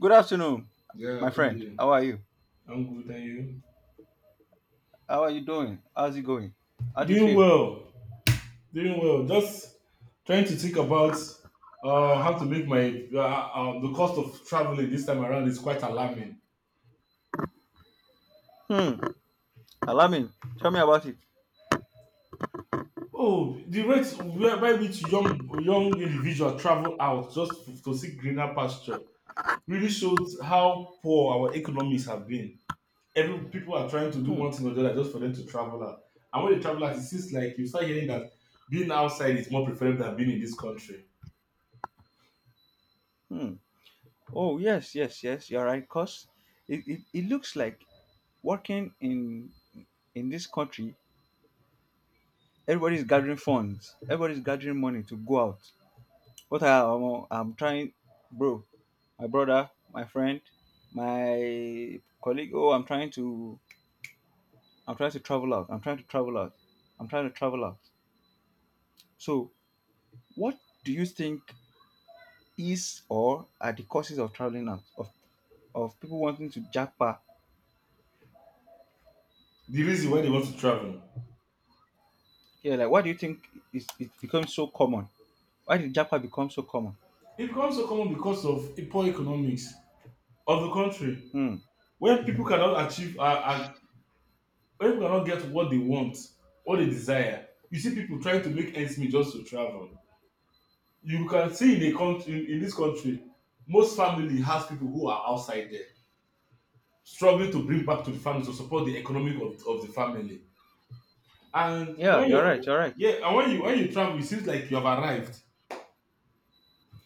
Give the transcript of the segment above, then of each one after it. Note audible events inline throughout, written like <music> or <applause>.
Good afternoon, Yeah, my good friend. day. How are you? I'm good, and you? How are you doing? How's it going? How do you Doing feel? well, doing well. Just trying to think about how to make my the cost of traveling this time around is quite alarming. Hmm. Alarming. Tell me about it. Oh, the rate whereby which young individuals travel out just to see greener pasture really shows how poor our economies have been. Every people are trying to do Hmm. one thing or the other just for them to travel out. And when they travel out, it seems like you start hearing that being outside is more preferable than being in this country. Hmm. Oh yes, yes, yes. You're right. Cause it looks like working in this country, everybody's gathering funds. Everybody's gathering money to go out. What I'm trying, bro, my brother, my friend, my colleague. Oh, I'm trying to travel out. I'm trying to travel out. I'm trying to travel out. So what do you think is or are the causes of traveling out of people wanting to japa? The reason why they want to travel. Yeah, like why do you think it becomes so common? Why did japa become so common? It becomes so common because of a poor economics of the country, Hmm. where people cannot achieve, uh, uh, where people cannot get what they want, what they desire. You see people trying to make ends meet just to travel. You can see in the country, in this country, most family has people who are outside there, struggling to bring back to the family to support the economic of the family. And Yeah, when you're right. you, You're right. yeah, and when you travel, it seems like you have arrived.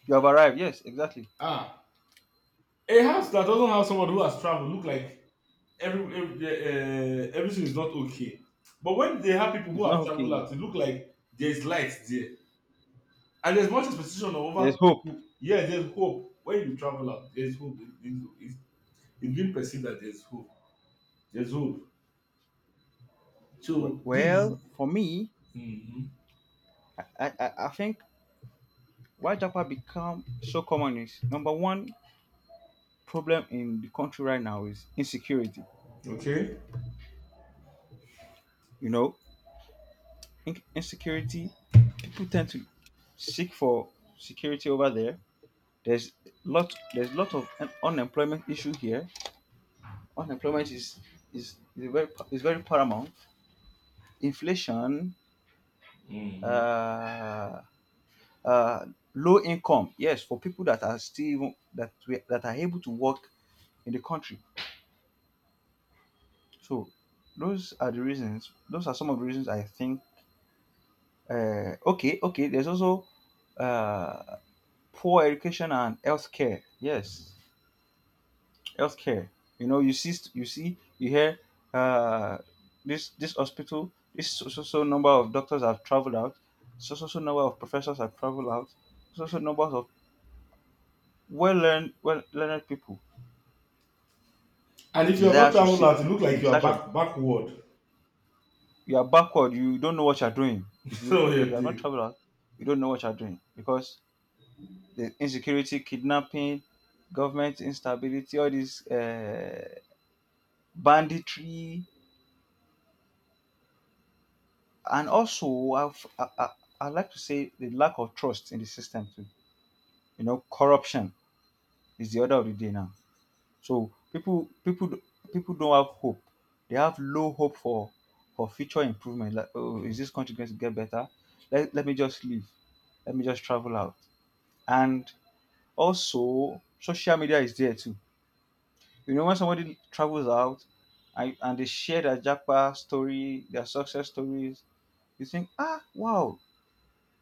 You have arrived. Yes, exactly. Ah, a house that doesn't have someone who has traveled look like everything is not okay. But when they have people who It's not have traveled okay. out, it look like there's light there, and there's much expectation of other There's hope. people. Yeah, there's hope when you travel out. There's hope. It's been perceived that there's hope. There's hope. We- So this, Well, for me, Mhm. I think why japa become so common is number one problem in the country right now is insecurity. Okay. You know, insecurity. People tend to seek for security over there. There's there's lot of unemployment issue here. Unemployment is a very is very paramount. Inflation, Mhm. uh, uh, low income. Yes, for people that are still that are able to work in the country. So those are the reasons. Those are some of the reasons I think. Okay, okay. There's also uh, poor education and health care. Yes, health care. You know, you see, you hear uh, this hospital, this so, so so number of doctors have traveled out, so number of professors have traveled out, numbers of well learned people And if you are not desire to traveled seek out, it look like in you are search of. backward. You are backward. You don't know what you are doing. <laughs> If So you're you have not doing. traveled out, you don't know what you are doing because the insecurity, kidnapping, government instability, all this banditry. And also, I like to say the lack of trust in the system too. You know, corruption is the order of the day now. So people don't have hope. They have low hope for future improvement. Like, oh, is this country going to get better? Let me just leave. Let me just travel out. And also, social media is there too. You know, when somebody travels out and they share their Japa story, their success stories, you think, ah, wow,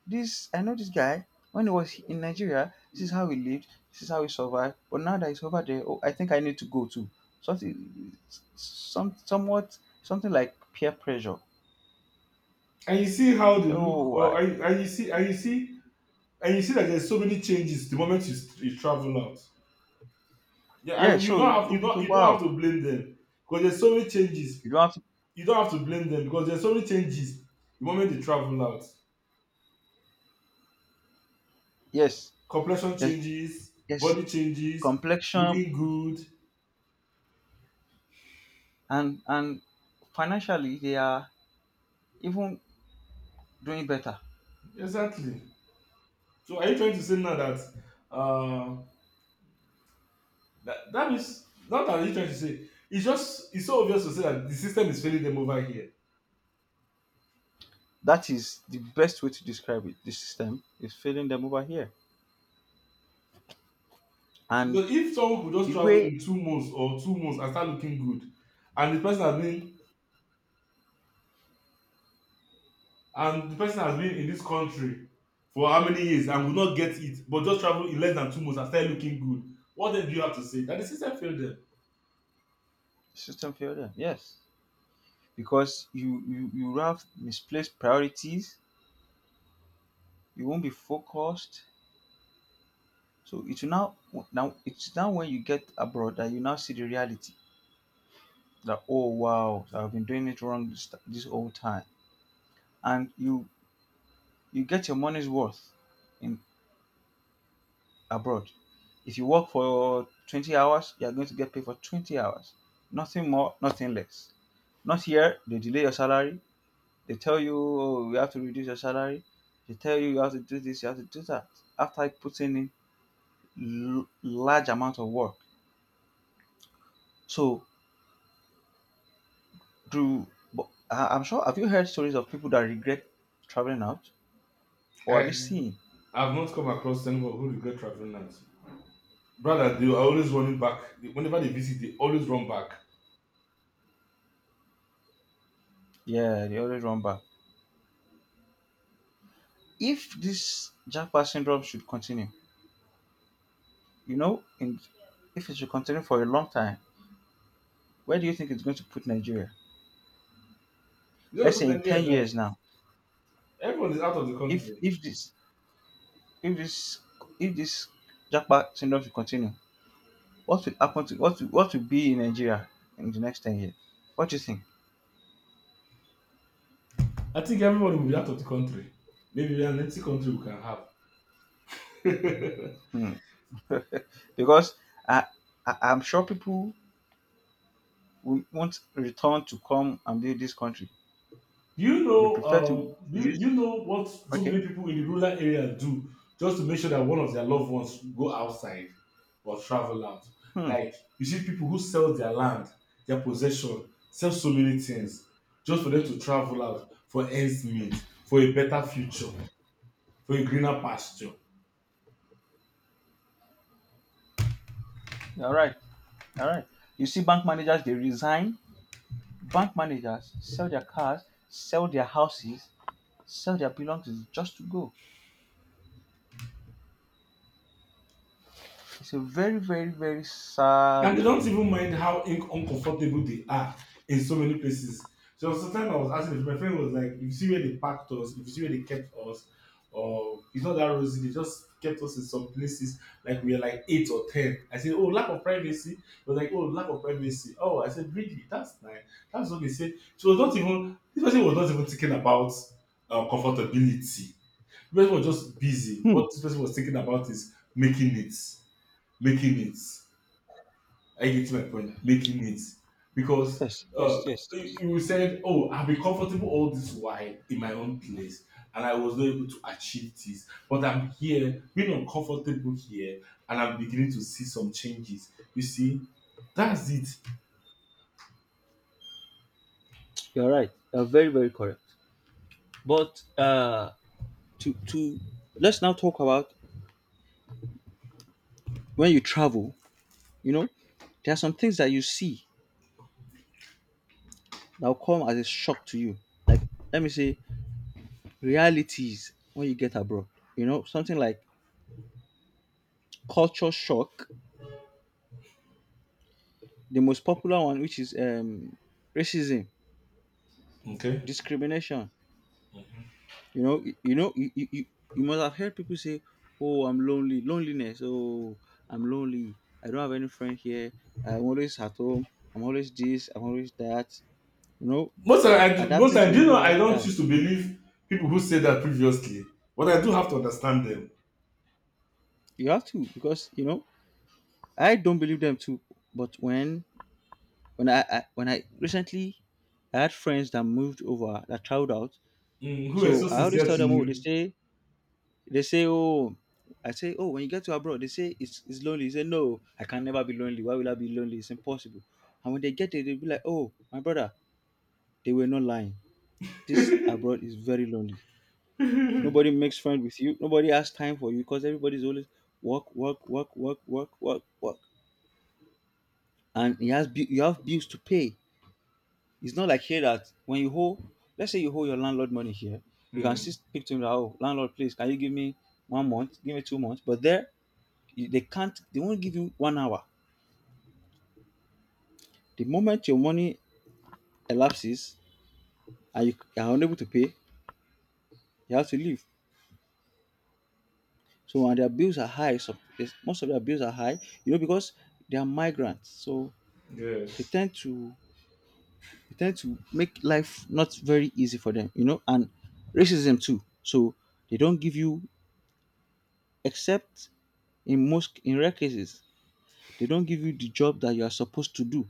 this I know this guy when he was in Nigeria. This is how he lived. This is how he survived. But now that he's over there, oh, I think I need to go too. Something, some, somewhat, something like peer pressure. And you see how they So, look, oh, I, and you see that there's so many changes the moment you travel out. Yeah, yeah. So, oh, so you don't have wow, to blame them because there's so many changes. you don't have to. You don't have to blame them because there's so many changes. The moment they travel out, Yes, complexion yes, changes, yes. body changes, Complexion looking good. and financially, they are even doing better. Exactly. So are you trying to say now that uh that is not that you're trying to say, it's so obvious to say that the system is failing them over here. That is the best way to describe it. The system is failing them over here, Because and if someone could just the travel way in 2 months or 2 months and start looking good, and the person has been and the person has been in this country for how many years and will not get it but just travel in less than 2 months and start looking good, what then do you have to say that the system failed them? system failed them. Yes. Because you have misplaced priorities. You won't be focused. So it will now it's now when you get abroad that you now see the reality that oh wow so I've been doing it wrong this whole time, and you get your money's worth in abroad. If you work for 20 hours, you are going to get paid for 20 hours. Nothing more, nothing less. Not here, they delay your salary. They tell you, oh, you have to reduce your salary. They tell you you have to do this, you have to do that. After putting in large amount of work, so do. But I'm sure. Have you heard stories of people that regret traveling out, or have Eh, you seen? I've not come across anyone who regret traveling out, brother. They are always running back. Whenever they visit, they always run back. Yeah, they always run back. If this jackpot syndrome should continue, you know, if it should continue for a long time, where do you think it's going to put Nigeria? You know, Let's put say in Nigeria, ten that years now, everyone is out of the if country. if this if this if this jackpot syndrome should continue, what will happen to what will be in Nigeria in the next 10 years? What do you think? I think everybody will be out of the country. Maybe an empty country we can have. Hmm. <laughs> Because I, I'm sure people will won't return to come and build this country. You They know, prefer to use you know what so okay. many people in the rural area do just to make sure that one of their loved ones go outside or travel out. Hmm. Like you see people who sell their land, their possession, sell so many things just for them to travel out for ends meet, for a better future, for a greener pasture. All right. All right. You see bank managers they resign. Bank managers sell their cars, sell their houses, sell their belongings just to go. It's a very, very, very And they sad. don't even mind how uncomfortable they are in so many places. So sometimes I was asking, if my friend was like, if you see where they packed us, if you see where they kept us, or it's not that rosy, they just kept us in some places like we were like eight or ten. I said, "Oh, lack of privacy." It was like, "Oh, lack of privacy." Oh, I said, "Really? That's nice." That's what they said. She was not even this person was not even thinking about comfortability. This person was just busy. Hmm. What this person was thinking about is making it. Making it. Are you getting my point? Making it, because Yes, uh, yes, yes, yes. you said, "Oh, I've been comfortable all this while in my own place, and I was not able to achieve this, but I'm here, being uncomfortable here, and I'm beginning to see some changes." You see, that's it. You're right. You're very, very correct. But to let's now talk about when you travel. You know, there are some things that you see that will come as a shock to you. Like let me say realities when you get abroad. You know, something like culture shock. The most popular one, which is racism, Okay. discrimination. You know, you know, you must have heard people say, "Oh, I'm lonely, loneliness. Oh, I'm lonely. I don't have any friend here. I'm always at home. I'm always this. I'm always that." You know, Most of I most adapting of to a do you know, new I don't lifestyle. choose to believe people who said that previously, but I do have to understand them. You have to because you know I don't believe them too. But when I when I recently I had friends that moved over that traveled out, Mm, who were so so I always sincere tell to them, oh, you? They say, oh, I say, oh, when you get to abroad, they say it's lonely. They say no, I can never be lonely. Why will I be lonely? It's impossible. And when they get there, they'll be like, oh, my brother, they were not lying. This abroad is very lonely. Nobody makes friends with you. Nobody has time for you because everybody's always work, work, work, work, work, work, work. And you have bills to pay. It's not like here that when you hold, let's say you hold your landlord money here, you can Mm, still speak to him that oh landlord please can you give me one month, give me 2 months. But there you, they can't, they won't give you one hour. The moment your money elapses and are unable to pay, you have to leave. So and their bills are high. So yes, most of their bills are high, you know, because they are migrants. So they yes, tend to they tend to make life not very easy for them, you know, and racism too. So they don't give you, except in rare cases, they don't give you the job that you are supposed to do.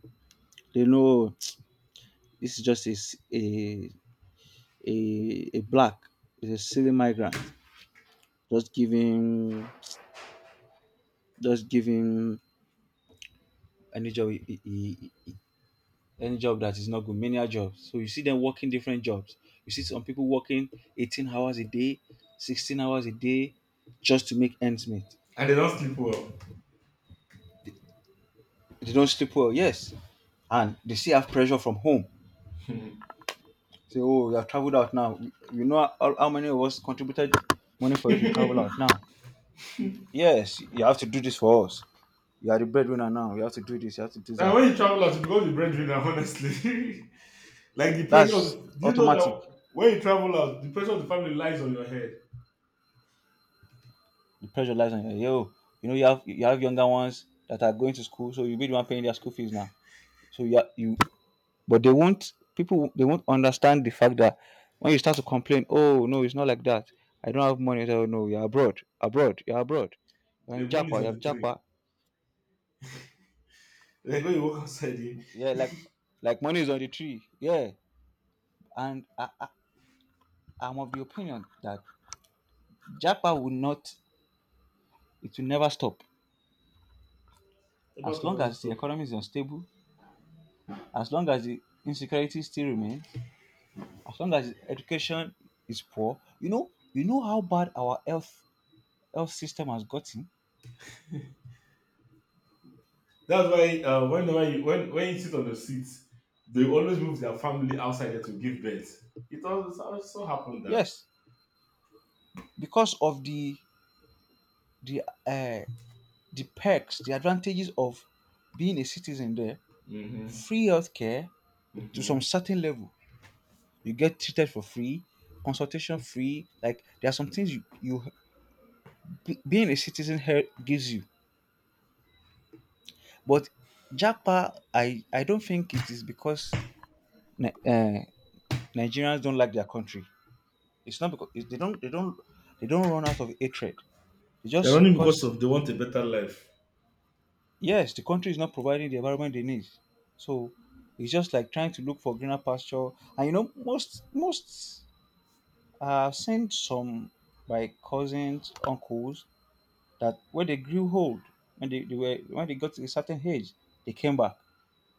They know <tsk> this is just a black, is a silly migrant, just giving just giving any job he any job that is not good, menial jobs. So you see them working different jobs. You see some people working 18 hours a day, 16 hours a day, just to make ends meet. and they don't sleep well. They don't sleep well, yes. And they still have pressure from home. Say, oh, you have traveled out now. You know how many of us contributed money for you to travel out now? Yes, you have to do this for us. You are the breadwinner now. You have to do this. You have to do And that. when you travel out, you become the breadwinner, honestly. <laughs> Like the pressure, That's do you know automatic. that when you travel out, the pressure of the family lies on your head? The pressure lies on you. Yo, you know you have younger ones that are going to school, so you be the one paying their school fees now. So yeah, you but they won't people they won't understand the fact that when you start to complain, oh no, it's not like that. I don't have money. Oh no, abroad. You're The in money's Japa, you on the have tree. Japa. Like when you walk outside, you Yeah, like money is on the tree. Yeah, and I'm of the opinion that Japa will not. It will never stop the back as long pronounce as it the up. economy is unstable, as long as the insecurity still remains, as long as education is poor. You know how bad our health system has gotten. That's why whenever you, when you sit on the seat, they always move their family outside there to give birth. It also happened that. Yes, because of the uh, the perks, the advantages of being a citizen there, Mm-hmm, free healthcare to some mm-hmm. certain level. You get treated for free, consultation free. Like there are some things you being a citizen here gives you. But Japa, I don't think it is because Ni- uh, Nigerians don't like their country. It's not because they don't run out of hatred. It's They're just running because because of they want a better life. yes, the country is not providing the environment they need. So it's just like trying to look for greener pasture. And you know, most I've seen some by cousins, uncles that when they grew old, when they got to a certain age, they came back.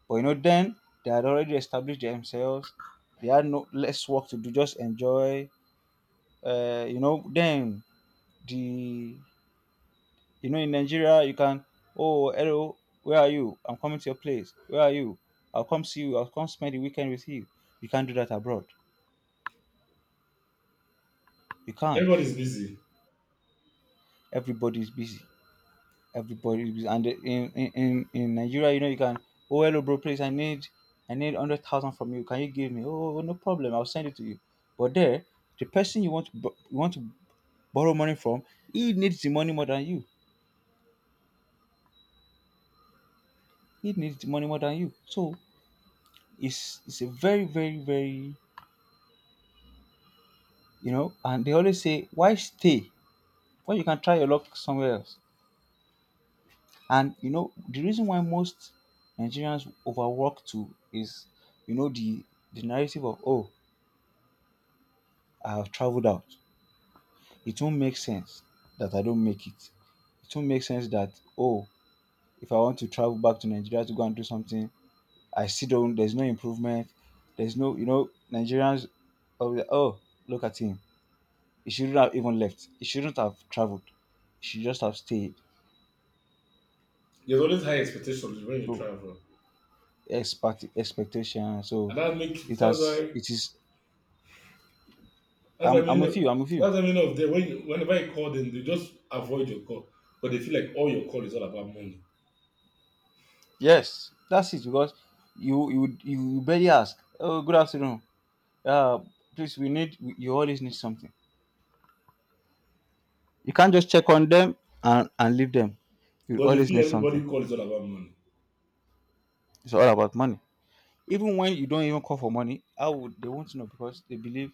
But you know, then they had already established themselves. They had no less work to do, just enjoy. You know, then the in Nigeria, you can, oh, hello, where are you? I'm coming to your place. Where are you? I'll come see you. I'll come spend the weekend with you. You can't do that abroad. You can't. Everybody's busy. Everybody's busy. Everybody's busy. And in Nigeria, you know, you can, oh, hello, bro, please, I need 100,000 from you. Can you give me? Oh, no problem. I'll send it to you. But there, the person you want to, you want to borrow money from, he needs the money more than you. He needs the money more than you. So it's a very, you know, and they always say, why stay when you can try your luck somewhere else? And you know, the reason why most Nigerians overwork too is, you know, the narrative of oh, I have traveled out. It won't make sense that I don't make it. It won't make sense that oh, if I want to travel back to Nigeria to go and do something, I still don't. There's no improvement. There's no, you know, Nigerians. Oh, yeah, oh, look at him. He shouldn't have even left. He shouldn't have traveled. He should just have stayed. There's always high expectations when you So travel. Expectation. So And it that's has why. it is That's the I'm meaning. with of- you, I'm with you. That's the meaning of whenever you call them, they just avoid your call because they feel like all your call is all about money. Yes, that's it because you would barely ask, oh, good afternoon. Uh Please you always need something. You can't just check on them and, leave them. You Because they always feel need everybody something. call is all about money. It's all about money. Even when you don't even call for money, how would they want to know because they believe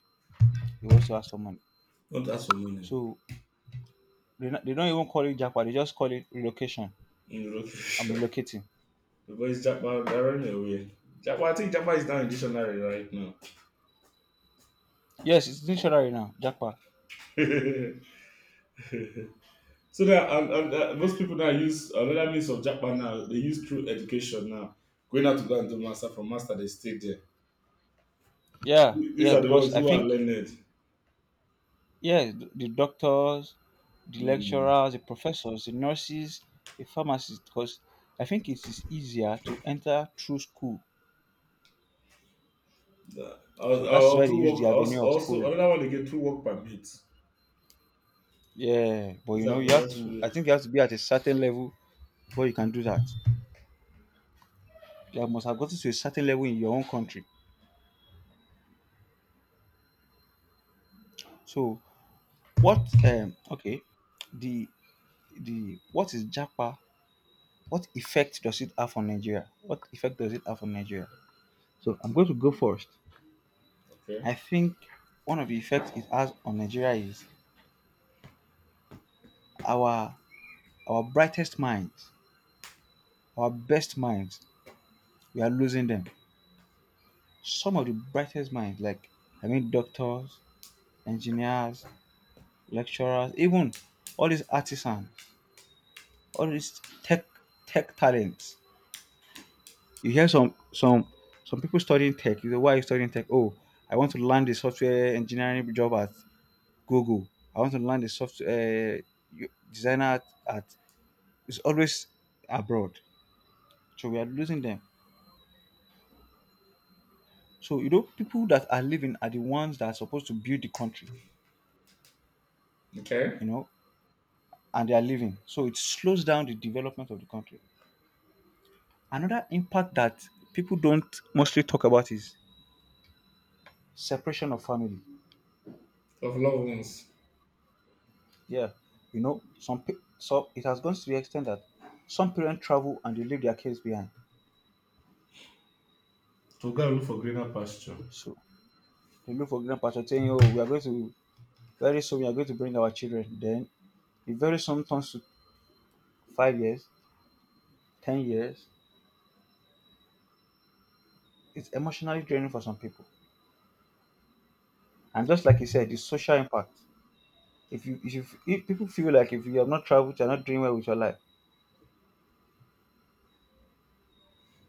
they want to ask for money. Don't ask for money So they don't even call it jackpot, they just call it relocation. in the I'm location. <laughs> relocating. The boys Japa, they're running away. Japa, I think Japa is now in dictionary right now. Yes, it's dictionary now, jackpot. <laughs> so that and most people now use another means of Japa now. They use through education now. Going out to go and do master, they stay there. Yeah, These yeah, are the because ones I who are think learned. yeah, the doctors, the Hmm. lecturers, the professors, the nurses, the pharmacists, because I think it is easier to enter through school. I was, So I that's will why they do use the work, also, avenue of also school. another one again, two work permits. Yeah, but It's you know, a you have various to. I way. think you have to be at a certain level before you can do that. You must have gotten to a certain level in your own country. So what? Okay, the the what is Japa? What effect does it have on Nigeria? What effect does it have on Nigeria? So I'm going to go first. Okay. I think one of the effects it has on Nigeria is our our brightest minds, our best minds, we are losing them. Some of the brightest minds, like I mean doctors, engineers, lecturers, even all these artisans, all these tech talents. You hear some some people studying tech. You know why are you studying tech? Oh, I want to land a software engineering job at Google. I want to land a software uh, designer at at is always abroad. So we are losing them. So you know, people that are leaving are the ones that are supposed to build the country, Okay. you know, and they are leaving. So it slows down the development of the country. Another impact that people don't mostly talk about is separation of family. Of loved ones. Yeah, you know, so it has gone to the extent that some parents travel and they leave their kids behind. To go and look for greener pasture. So they look for grandpa to saying, "Oh, we are going to very soon we are going to bring our children." Then it very soon turns to 5 years, 10 years, it's emotionally draining for some people. And just like you said, the social impact. If people feel like if you have not traveled, you're not doing well with your life.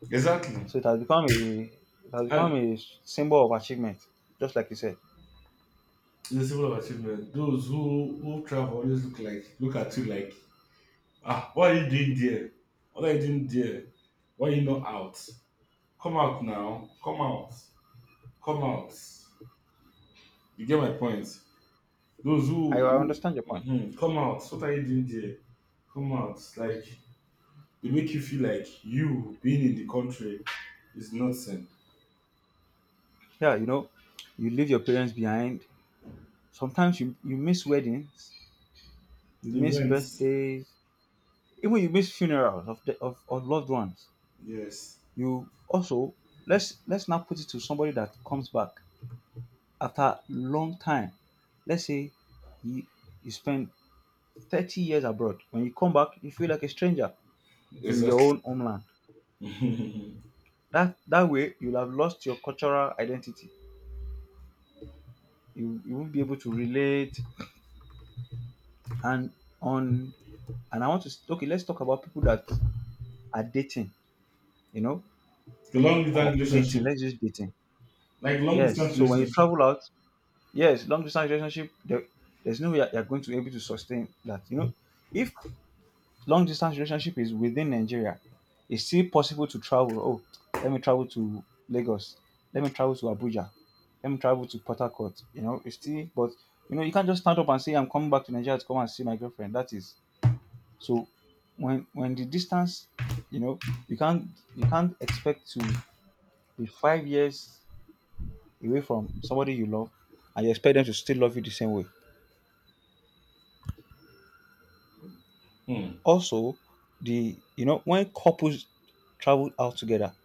Exactly. So it has become a it has become And a symbol of achievement. Just like you said, the symbol of achievement. Those who travel always look at you like, what are you doing there? What are you doing there? Why are you not out? Come out now. Come out. Come out. You get my point. Those I who, understand your who point. mhm, come out. What are you doing there? Come out. Like they make you feel like you being in the country is nothing. Yeah, you know, you leave your parents behind. Sometimes you miss weddings, you miss Events, birthdays, even you miss funerals of of loved ones. yes, You also let's now put it to somebody that comes back after long time, let's say you, you spend 30 years abroad. When you come back, you feel like a stranger in your own exactly. homeland. <laughs> The That that way, you'll have lost your cultural identity. You won't be able to relate. And on and I want to okay, let's talk about people that are dating, you know, long distance or dating. relationship, Let's use dating. like long Yes. distance So when you relationship, travel out, yes, long distance relationship, there, there's no way you're going to be able to sustain that. You know, if long distance relationship is within Nigeria, it's still possible to travel. Oh, let me travel to Lagos. Let me travel to Abuja. Let me travel to Port Harcourt. You know, it's still, but you know, you can't just stand up and say, I'm coming back to Nigeria to come and see my girlfriend. That is so. When the distance, you know, you can't you can't expect to be 5 years away from somebody you love, and you expect them to still love you the same way. hmm. Also, the you know when couples travel out together,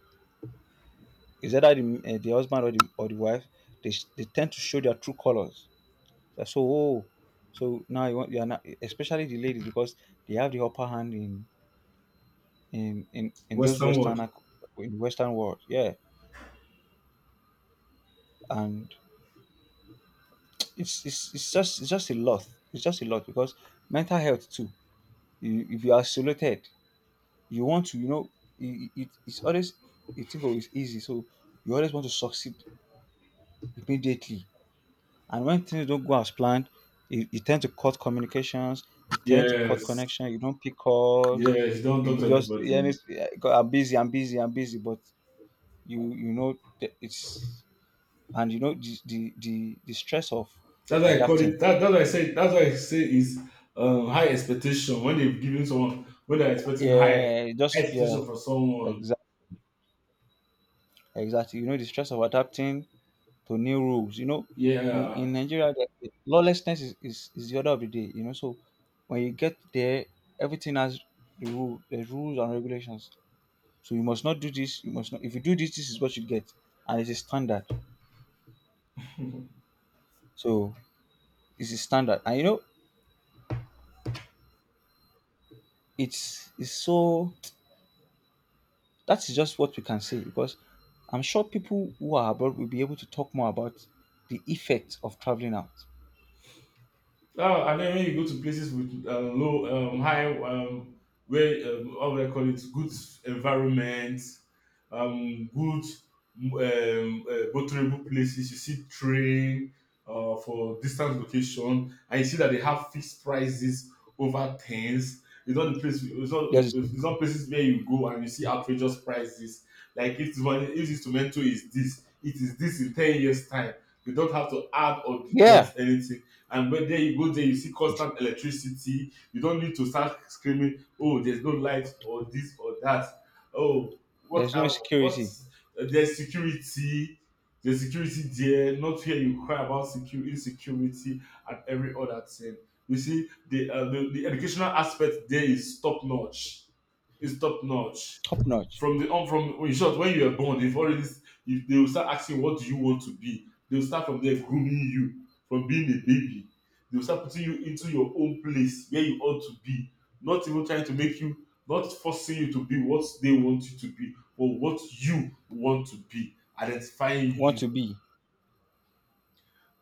is either the husband or or the wife. They tend to show their true colors. So, oh, so now you want, you are not, especially the ladies because they have the upper hand in those Western world, Western. In Western world. Yeah, and it's it's just a lot. It's just a lot because mental health too. You be isolated. You want to you know it's always you think oh it's easy so you always want to succeed immediately. And when things don't go as planned, you tend to cut communications, you tend to cut yes, connection, you don't pick calls, yes. You don't talk to you just yeah, anybody. it's, yeah, I'm busy, I'm busy, I'm busy, but you know that it's and you know the stress of That's why I call it. adapting. That's why I say. That's why I say is high expectation when they've given someone, when they're expecting high Yeah, high just expectation yeah, for someone. exactly, exactly. You know the stress of adapting to new rules. You know, Yeah, in Nigeria, the lawlessness is is the order of the day. You know, so when you get there, everything has the rule, the rules and regulations. So you must not do this. You must not. If you do this, this is what you get, and it's a standard. So it's a standard, and you know, it's so. <tsk> That is just what we can say because I'm sure people who are abroad will be able to talk more about the effect of traveling out. oh, and then when you go to places with low, high, where how do I call it? Good environment, good, motorable places. You see train for distance location, and you see that they have fixed prices over things. It's not the place. It's not. There's It's not places where you go and you see outrageous prices. Like if this tomato is this, it is this in 10 years time. They don't have to add or yeah, deduct anything. And when there you go there, you see it- constant electricity. You don't need to start screaming, oh, there's no light or this or that. Oh, what there's no are what insecurity. There's security. There's security there, not here. You cry about security, insecurity, and every other thing. You see, the the educational aspect there is top notch. Is top notch. Top notch. From the on from, in short, when you are born, they've already, if they will start asking what do you want to be, they will start from there grooming you from being a baby. They will start putting you into your own place where you ought to be. Not even trying to make you Not forcing you to be what they want you to be, but what you want to be, identifying Want you. to be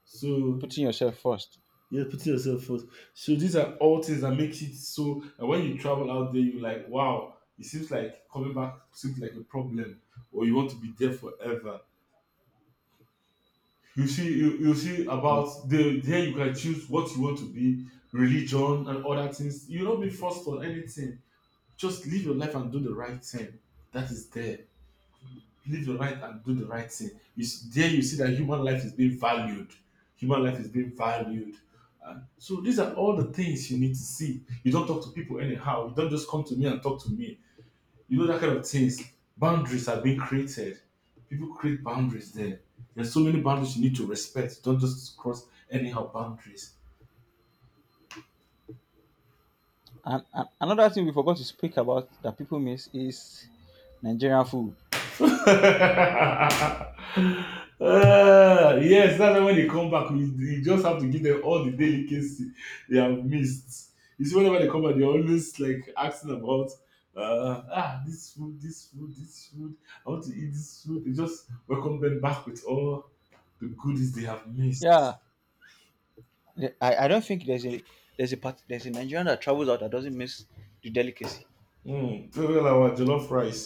So putting yourself first. you're putting yourself first. So these are all things that makes it so that when you travel out there, you're like, wow, it seems like coming back seems like a problem, or you want to be there forever. You see, you see Like, about the there you can choose what you want to be. Religion and other things, you not be forced on anything. Just live your life and do the right thing. That is there. Live your life and do the right thing. You see, there you see that human life is being valued. Human life is being valued. So these are all the things you need to see. You don't talk to people anyhow. You don't just come to me and talk to me, that kind of things. Boundaries are being created. People create boundaries there. There's so many boundaries you need to respect. Don't just cross anyhow boundaries. And another thing we forgot to speak about that people miss is Nigerian food. <laughs> Ah, yes, that's why when they come back, you just have to give them all the delicacy they have missed. You see, whenever they come back, they're always like asking about this food, this food, this food. I want to eat this food. They just welcome them back with all the goodies they have missed. Yeah, I don't think there's a part there's a Nigerian that travels out that doesn't miss the delicacy. Mm, look at our jollof rice.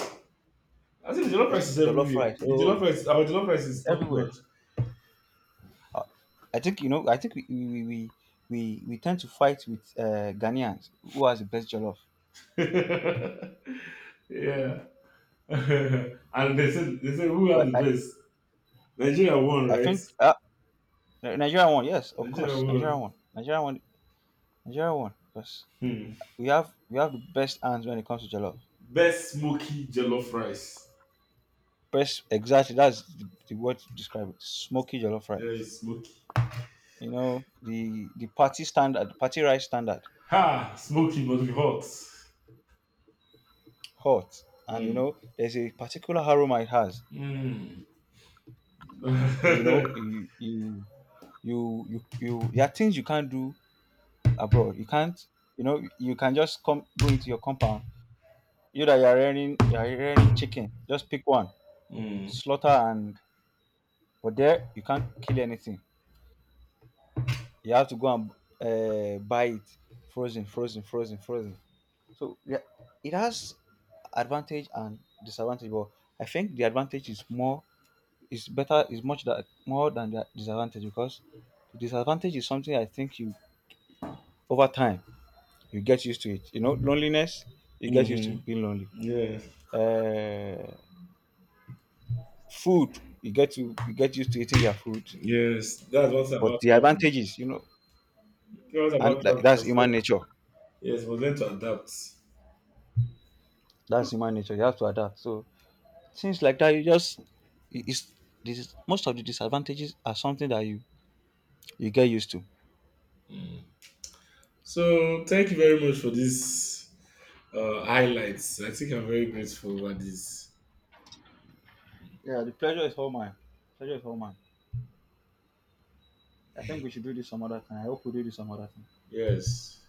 I think the jollof There's rice is jollof everywhere. rice, The jollof oh, rice, our jollof rice is it's top everywhere. notch. Uh, I think you know. I think we tend to fight with Ghanaians who has the best jollof. <laughs> Yeah. <laughs> And they said who had But the best? Nigeria won, I right? think Nigerian one, yes, of Nigeria course, won. Nigerian one, because Hmm. We have the best hands when it comes to jollof. Best smoky jollof rice. Best, exactly. That's the word to describe it. Smoky jollof Yeah, rice. it's smoky. You know the party standard, party rice standard Ha! Smoky must be hot. hot, and you Mm. know there's a particular aroma it has. Mm. <laughs> So you know Mm. You there are things you can't do abroad, you can't, you know you can just come go into your compound, you that you're rearing chicken, just pick one, slaughter, and but there you can't kill anything, you have to go and buy it frozen, frozen, so yeah, it has advantage and disadvantage but I think the advantage is more, is better, is much that more than the disadvantage because the disadvantage is something I think you over time you get used to it. You know, loneliness you get used to Mm-hmm. being lonely. Yeah. Uh, Food you get to you get used to eating their food, Yes. That's what's but about the traveling. advantages you know, That's what's and about that's traveling. human nature. Yes, but learn to adapt. That's human nature. You have to adapt. So things like that, you just it's this is, most of the disadvantages are something that you get used to. Mm. So thank you very much for this highlights. I think I'm very grateful over this. Yeah, the pleasure is all mine. Pleasure is all mine. I think we should do this some other time. I hope we do this some other time. Yes.